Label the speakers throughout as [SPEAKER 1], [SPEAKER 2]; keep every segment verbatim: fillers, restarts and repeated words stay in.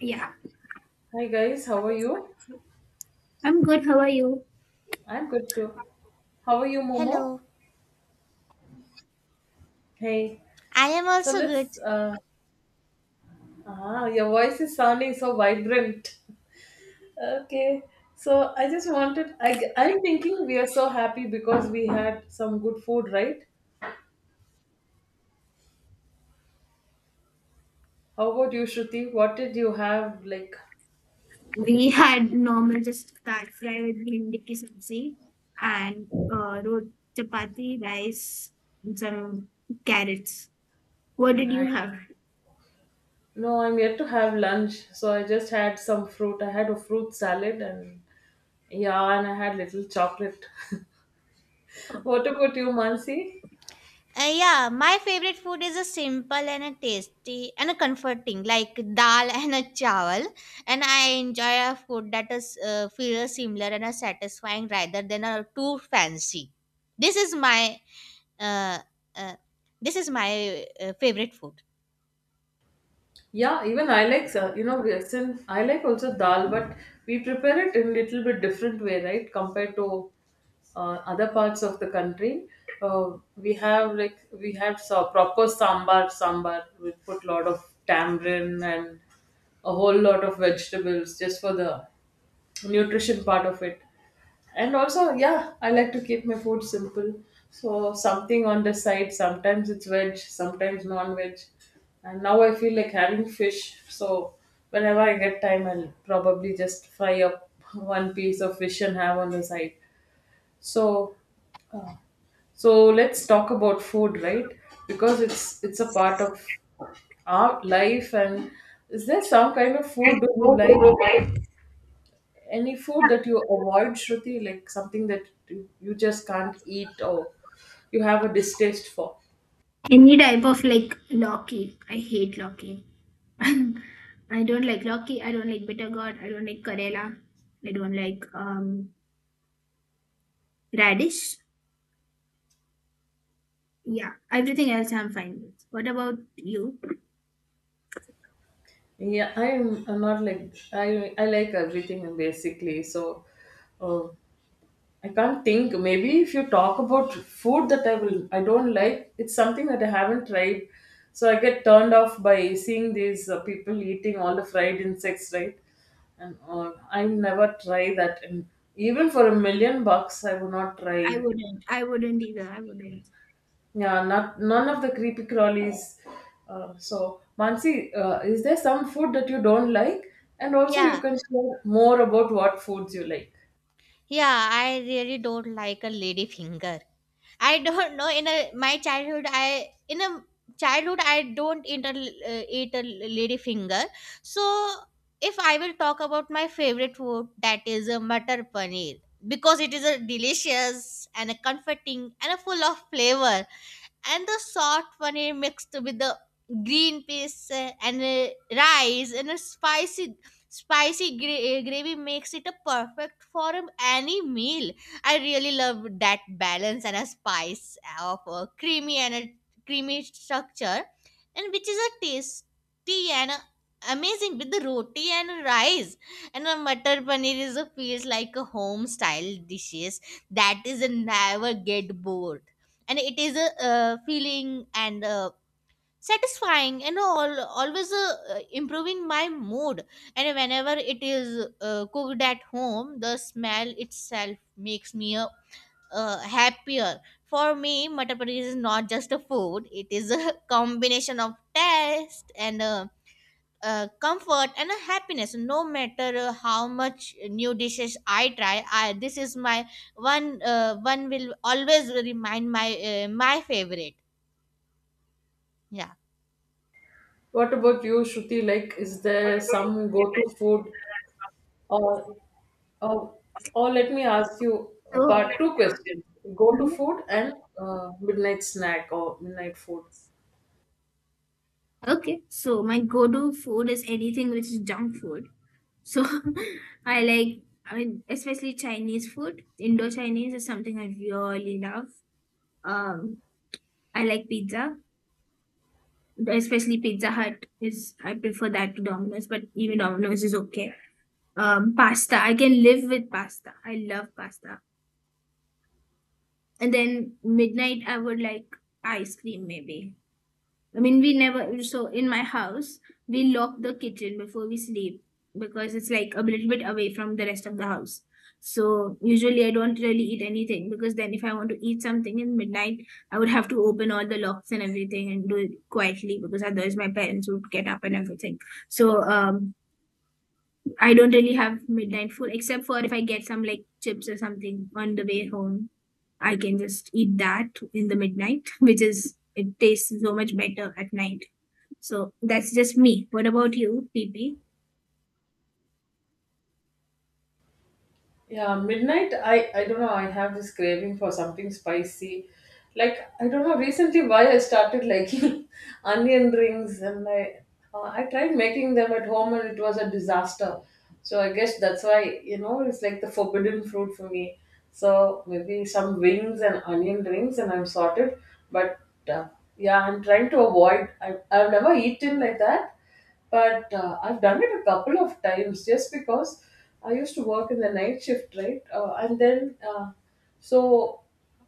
[SPEAKER 1] Yeah,
[SPEAKER 2] Hi guys, how are you?
[SPEAKER 1] I'm good. How are you?
[SPEAKER 2] I'm good too. How are you, Momo?
[SPEAKER 3] Hello,
[SPEAKER 2] Hey.
[SPEAKER 3] I am
[SPEAKER 2] So
[SPEAKER 3] also good.
[SPEAKER 2] let's. Uh, ah, your voice is sounding so vibrant. Okay. So I just wanted. I I'm thinking we are so happy because we had some good food, right? How about you, Shruti? What did you have? Like,
[SPEAKER 1] We had normal just dal fry with bhindi ki sabzi and uh, rot chapati, rice, and some carrots. What did you
[SPEAKER 2] I-
[SPEAKER 1] have?
[SPEAKER 2] no, I'm yet to have lunch. So I just had some fruit. I had a fruit salad and yeah, and I had little chocolate. What about you, Mansi?
[SPEAKER 3] Uh, yeah, my favorite food is a simple and a tasty and a comforting, like dal and a chawal. And I enjoy a food that is uh, feels similar and a satisfying rather than a too fancy. This is my uh, uh, this is my uh, favorite food.
[SPEAKER 2] Yeah, even I like, uh, you know, recent, I like also dal, but we prepare it in little bit different way, right? Compared to uh, other parts of the country. Uh, we have like, we have so proper sambar, sambar. We put lot of tamarind and a whole lot of vegetables just for the nutrition part of it. And also, yeah, I like to keep my food simple. So something on the side, sometimes it's veg, sometimes non-veg, and now I feel like having fish. So whenever I get time, I'll probably just fry up one piece of fish and have on the side. So so let's talk about food, right? Because it's it's a part of our life, and is there some kind of
[SPEAKER 1] And
[SPEAKER 2] food do you like, any food that you avoid, Shruti, like something that you you just can't eat, or you have a distaste for?
[SPEAKER 1] any type of like loki. I hate loki. I don't like loki. I don't like bitter gourd. I don't like karela. I don't like um radish. Yeah, everything else I'm fine with. What about you?
[SPEAKER 2] Yeah, I'm, I'm not like I I like everything basically. So, uh, I can't think. Maybe if you talk about food that I will I don't like, it's something that I haven't tried. So I get turned off by seeing these uh, people eating all the fried insects, right? And all. I never try that. And even for a million bucks, I would not
[SPEAKER 1] I
[SPEAKER 2] try.
[SPEAKER 1] wouldn't. I wouldn't either. I wouldn't.
[SPEAKER 2] Yeah, not none of the creepy crawlies. Uh, so, Mansi, uh, is there some food that you don't like? And also, you
[SPEAKER 3] Yeah,
[SPEAKER 2] can share more about what foods you like.
[SPEAKER 3] yeah, I really don't like a lady finger. I don't know. In a my childhood, I in a childhood I don't eat a, l- uh, eat a lady finger. So if I will talk about my favorite food, that is a butter paneer because it is a delicious and a comforting and a full of flavor and the salt paneer mixed with the green peas uh, and uh, rice and a spicy spicy gra- uh, gravy makes it a perfect for um, any meal. I really love that balance and a spice of a creamy and a creamy structure, and which is a tasty and a amazing with the roti and rice. And a matar paneer is a feels like a home style dishes that is a never get bored, and it is a uh, feeling and uh, satisfying and all, always uh, uh, improving my mood. And whenever it is uh, cooked at home, the smell itself makes me a, uh, happier. For me, matar paneer is not just a food, it is a combination of taste and uh, uh, comfort and a happiness, no matter uh, how much new dishes I try. I, this is my one, uh, one will always remind my uh, my favorite. Yeah.
[SPEAKER 2] What about you, Shruti? Like, is there some go-to food, or
[SPEAKER 1] So,
[SPEAKER 2] or, or let me ask you a part two question: go-to food and uh, midnight snack or midnight food.
[SPEAKER 1] okay. So my go-to food is anything which is junk food. So I like, I mean, especially Chinese food. Indo-Chinese is something I really love. Um, I like pizza, especially Pizza Hut is I prefer that to Domino's, but even Domino's is okay. Um, pasta. I can live with pasta. I love pasta. And then midnight, I would like ice cream maybe. I mean, we never, so in my house, we lock the kitchen before we sleep because it's like a little bit away from the rest of the house. So usually I don't really eat anything because then if I want to eat something in midnight, I would have to open all the locks and everything and do it quietly because otherwise my parents would get up and everything. So um, I don't really have midnight food except for if I get some like chips or something on the way home. I can just eat that in the midnight, which is it tastes so much better at night. So that's just me. What about you, P P?
[SPEAKER 2] Yeah, midnight. I I don't know. I have this craving for something spicy. Like I don't know recently why I started liking onion rings, and I uh, I tried making them at home, and it was a disaster. So I guess that's why you know it's like the forbidden fruit for me. So maybe some wings and onion rings, and I'm sorted. But uh, yeah, I'm trying to avoid. I I've never eaten like that, but uh, I've done it a couple of times just because I used to work in the night shift, right? Uh, and then, uh, so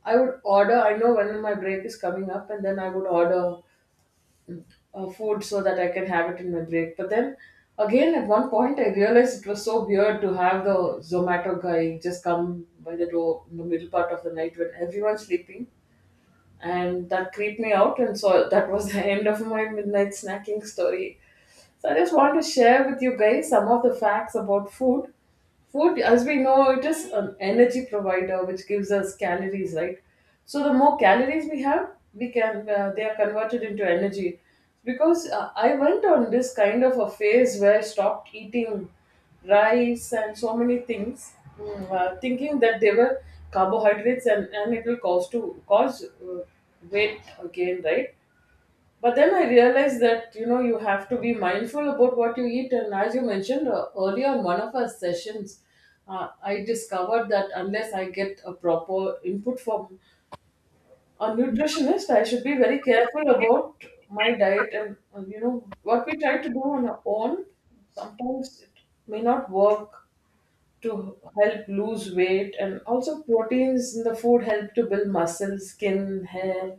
[SPEAKER 2] I would order, I know when my break is coming up, and then I would order uh, food so that I can have it in my break. But then again, at one point, I realized it was so weird to have the Zomato guy just come by the door in the middle part of the night when everyone's sleeping. And that creeped me out, and so that was the end of my midnight snacking story. So I just want to share with you guys some of the facts about food. Food, as we know, it is an energy provider which gives us calories, right? So the more calories we have, we can uh, they are converted into energy. Because uh, I went on this kind of a phase where I stopped eating rice and so many things, mm, uh, thinking that they were carbohydrates, and, and it will cause to cause uh, weight again, right? But then I realized that you know you have to be mindful about what you eat, and as you mentioned uh, earlier in one of our sessions, uh, I discovered that unless I get a proper input from a nutritionist, I should be very careful about my diet and uh, you know what we try to do on our own. Sometimes it may not work to help lose weight, and also proteins in the food help to build muscle, skin, hair.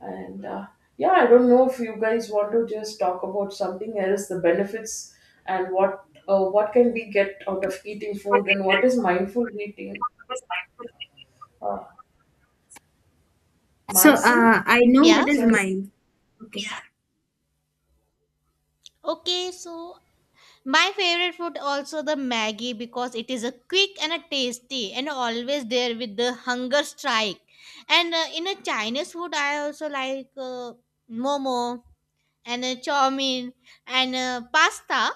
[SPEAKER 2] And uh, yeah, I don't know if you guys want to just talk about something else, the benefits and what uh, what can we get out of eating food and what is mindful eating. Uh,
[SPEAKER 1] So
[SPEAKER 2] Mansi,
[SPEAKER 1] uh, I know
[SPEAKER 3] Yeah.
[SPEAKER 1] what is
[SPEAKER 2] sorry,
[SPEAKER 1] mine. Okay.
[SPEAKER 3] Okay, so my favorite food also the Maggie, because it is a quick and a tasty and always there with the hunger strike. And uh, in a Chinese food I also like uh, momo and uh, chow mein and uh, pasta. Uh,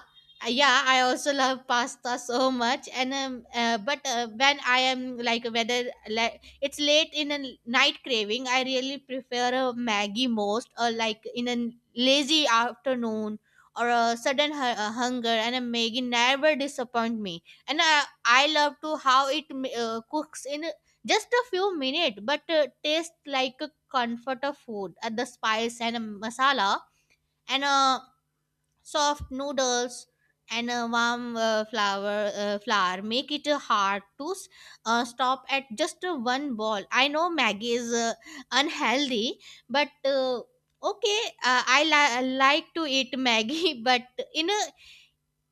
[SPEAKER 3] Yeah, I also love pasta so much. And um, uh, but uh, When I am like whether like it's late in a night craving, I really prefer a Maggie most, or like in a lazy afternoon or a sudden hu- uh, hunger, and a Maggie never disappoint me. And uh, I love to how it ma- uh, cooks in just a few minutes, but uh, tastes like a comfort of food. Uh, the spice and a masala and uh, soft noodles and a warm uh, flour uh, flour make it uh, hard to s- uh, stop at just uh, one ball. I know Maggie is uh, unhealthy, but uh, okay uh, i li- like to eat Maggie but in a,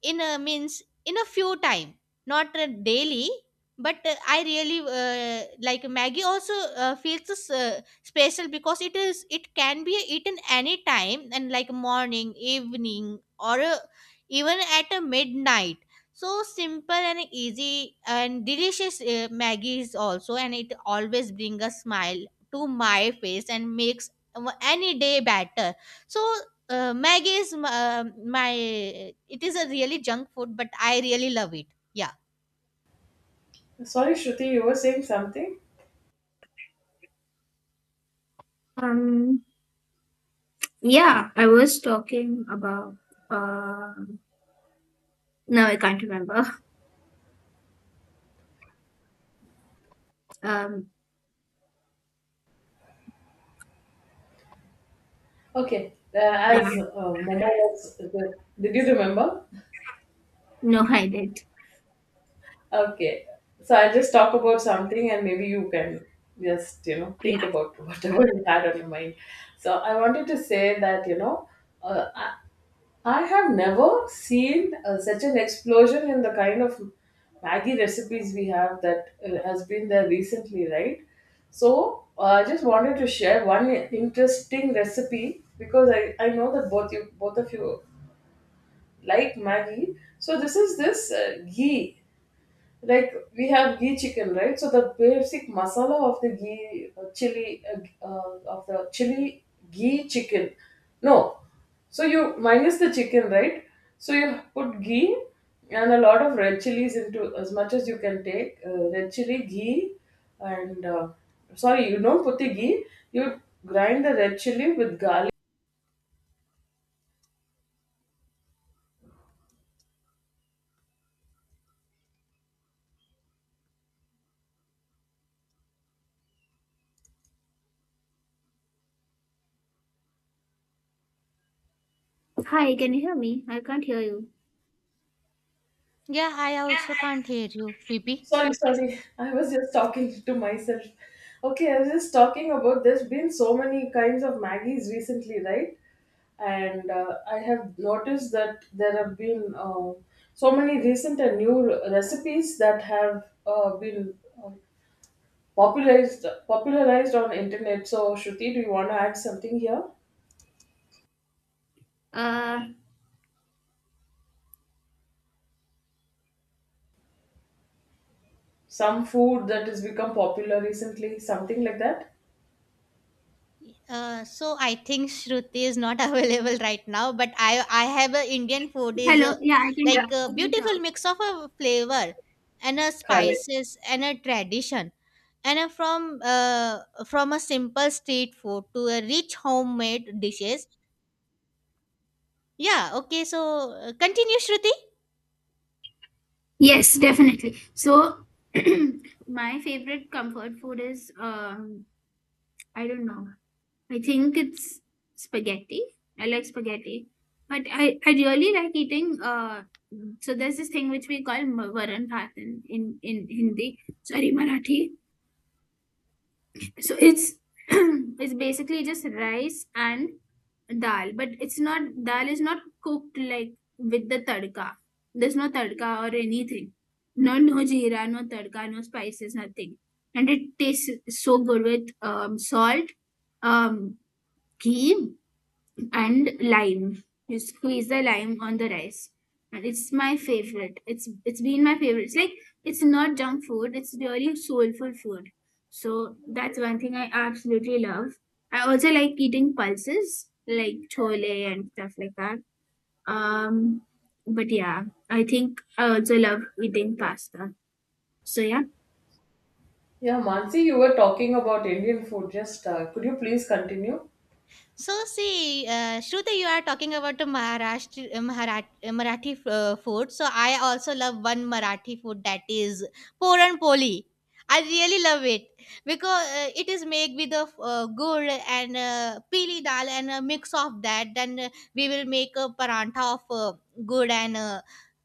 [SPEAKER 3] in a means in a few time, not uh, daily. But uh, I really uh, like Maggie also uh, feels uh, special because it is it can be eaten any time, and like morning, evening, or uh, even at a midnight. So simple and easy and delicious, uh, Maggie is also, and it always brings a smile to my face and makes uh, any day better. So uh, Maggi is m- uh, my. It is a really junk food, but I really love it. Yeah.
[SPEAKER 2] sorry, Shruti, you were saying something.
[SPEAKER 1] Um. Yeah, I was talking about. Uh, no, I can't remember. Um.
[SPEAKER 2] Okay, uh,
[SPEAKER 1] Yeah.
[SPEAKER 2] as uh, Momo was, did you remember?
[SPEAKER 1] No, I did.
[SPEAKER 2] Okay, so I'll just talk about something, and maybe you can just you know
[SPEAKER 1] Yeah.
[SPEAKER 2] think about whatever you had on your mind. So I wanted to say that you know uh, I I have never seen uh, such an explosion in the kind of Maggie recipes we have, that uh, has been there recently, right? So uh, I just wanted to share one interesting recipe because I, I know that both you both of you like Maggie. So this is this uh, ghee, like we have ghee chicken, right? So the basic masala of the ghee, uh, chili, uh, uh, of the chili ghee chicken, no, so you minus the chicken, right? So you put ghee and a lot of red chilies, into as much as you can take uh, red chili ghee. And uh, Sorry, you don't put the ghee, you grind the red chili with garlic.
[SPEAKER 1] Hi, can you hear me? I can't hear you.
[SPEAKER 3] Yeah, I also can't hear you, Bibi.
[SPEAKER 2] Sorry, sorry. I was just talking to myself. Okay, I was just talking about there's been so many kinds of Maggies recently, right? And uh, I have noticed that there have been uh, so many recent and new re- recipes that have uh, been uh, popularized popularized on internet. So, Shruti, do you want to add something here?
[SPEAKER 1] Uh.
[SPEAKER 2] Some food that has become popular recently, something like that?
[SPEAKER 3] Uh, so I think Shruti is not available right now, but I I have a Indian food is a,
[SPEAKER 1] Hello. Yeah, I can
[SPEAKER 3] like
[SPEAKER 1] talk.
[SPEAKER 3] a
[SPEAKER 1] I can talk.
[SPEAKER 3] beautiful mix of a flavor and a
[SPEAKER 2] Correct.
[SPEAKER 3] spices and a tradition and a from uh, from a simple street food to a rich homemade dishes. Yeah. Okay. So uh, continue, Shruti.
[SPEAKER 1] Yes, definitely. So, my favorite comfort food is um. I don't know. I think it's spaghetti. I like spaghetti, but I, I really like eating. Uh, so there's this thing which we call ma- varan bhat in, in in Hindi. Sorry, Marathi. So it's it's basically just rice and dal, but it's not dal is not cooked like with the tadka. There's no tadka or anything. No, no jeera, no tadka, no spices, nothing. And it tastes so good with um, salt, um, ghee, and lime. You squeeze the lime on the rice. And it's my favorite. It's it's been my favorite. It's like it's not junk food, it's really soulful food. So that's one thing I absolutely love. I also like eating pulses, like chole and stuff like that. Um, but yeah, I think I also love eating pasta. So yeah.
[SPEAKER 2] Yeah, Mansi, you were talking about Indian food. Just uh, could you please continue?
[SPEAKER 3] So see, uh, Shruti, you are talking about the Maharashtra, Maharashtra Marathi uh, food. So I also love one Marathi food, that is Puran Poli. I really love it because uh, it is made with the uh, gur and uh, peeli dal and a mix of that. Then uh, we will make a parantha of uh, gur and uh,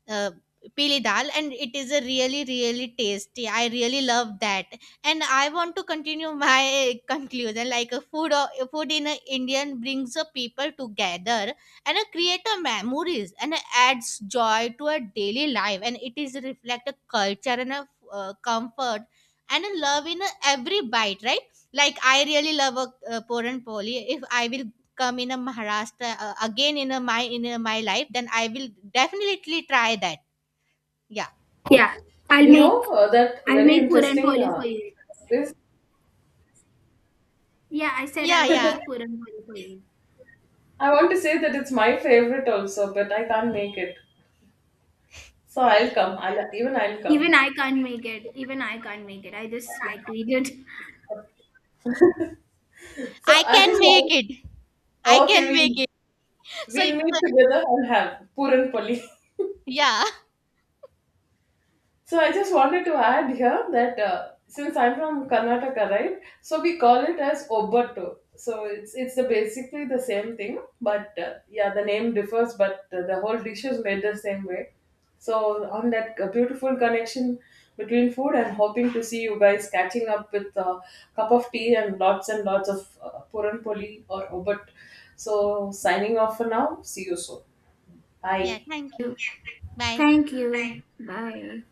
[SPEAKER 3] uh, pili dal, and it is a really really tasty. I really love that, and I want to continue my conclusion like a food or food in a Indian brings a people together and a create a memories and a adds joy to a daily life, and it is reflect a culture and a uh, comfort and a love in a every bite, right? Like I really love a uh, poran poli. If I will come in a Maharashtra uh, again in a my in a, my life, then I will definitely try that. Yeah,
[SPEAKER 1] Yeah. I'll
[SPEAKER 2] You
[SPEAKER 1] make
[SPEAKER 2] know, uh, that
[SPEAKER 1] I'll
[SPEAKER 2] very
[SPEAKER 1] make puran
[SPEAKER 2] interesting.
[SPEAKER 1] poli for
[SPEAKER 2] Uh,
[SPEAKER 1] you.
[SPEAKER 2] this
[SPEAKER 1] Yeah, I said I
[SPEAKER 3] yeah,
[SPEAKER 1] would
[SPEAKER 3] yeah.
[SPEAKER 1] make puran poli for you.
[SPEAKER 2] I want to say that it's my favorite also, but I can't make it. So I'll come. I'll even I'll come.
[SPEAKER 1] Even I can't make it. Even I can't make it. I just like to eat it.
[SPEAKER 2] So
[SPEAKER 3] I
[SPEAKER 2] I
[SPEAKER 3] can
[SPEAKER 2] just
[SPEAKER 3] make
[SPEAKER 2] want.
[SPEAKER 3] it. I
[SPEAKER 2] Okay,
[SPEAKER 3] can make
[SPEAKER 2] we
[SPEAKER 3] it. So
[SPEAKER 2] we'll meet together and have puran poli.
[SPEAKER 3] yeah,
[SPEAKER 2] So I just wanted to add here that uh, since I'm from Karnataka, right? So we call it as obattu. So it's it's the, basically the same thing, but uh, yeah, the name differs, but uh, the whole dish is made the same way. So on that uh, beautiful connection between food, I'm hoping to see you guys catching up with a cup of tea and lots and lots of uh, puran poli or obat. So signing off for now. See you soon.
[SPEAKER 3] yeah.
[SPEAKER 2] Bye.
[SPEAKER 3] Thank you. Bye.
[SPEAKER 1] Thank you. Bye. Bye.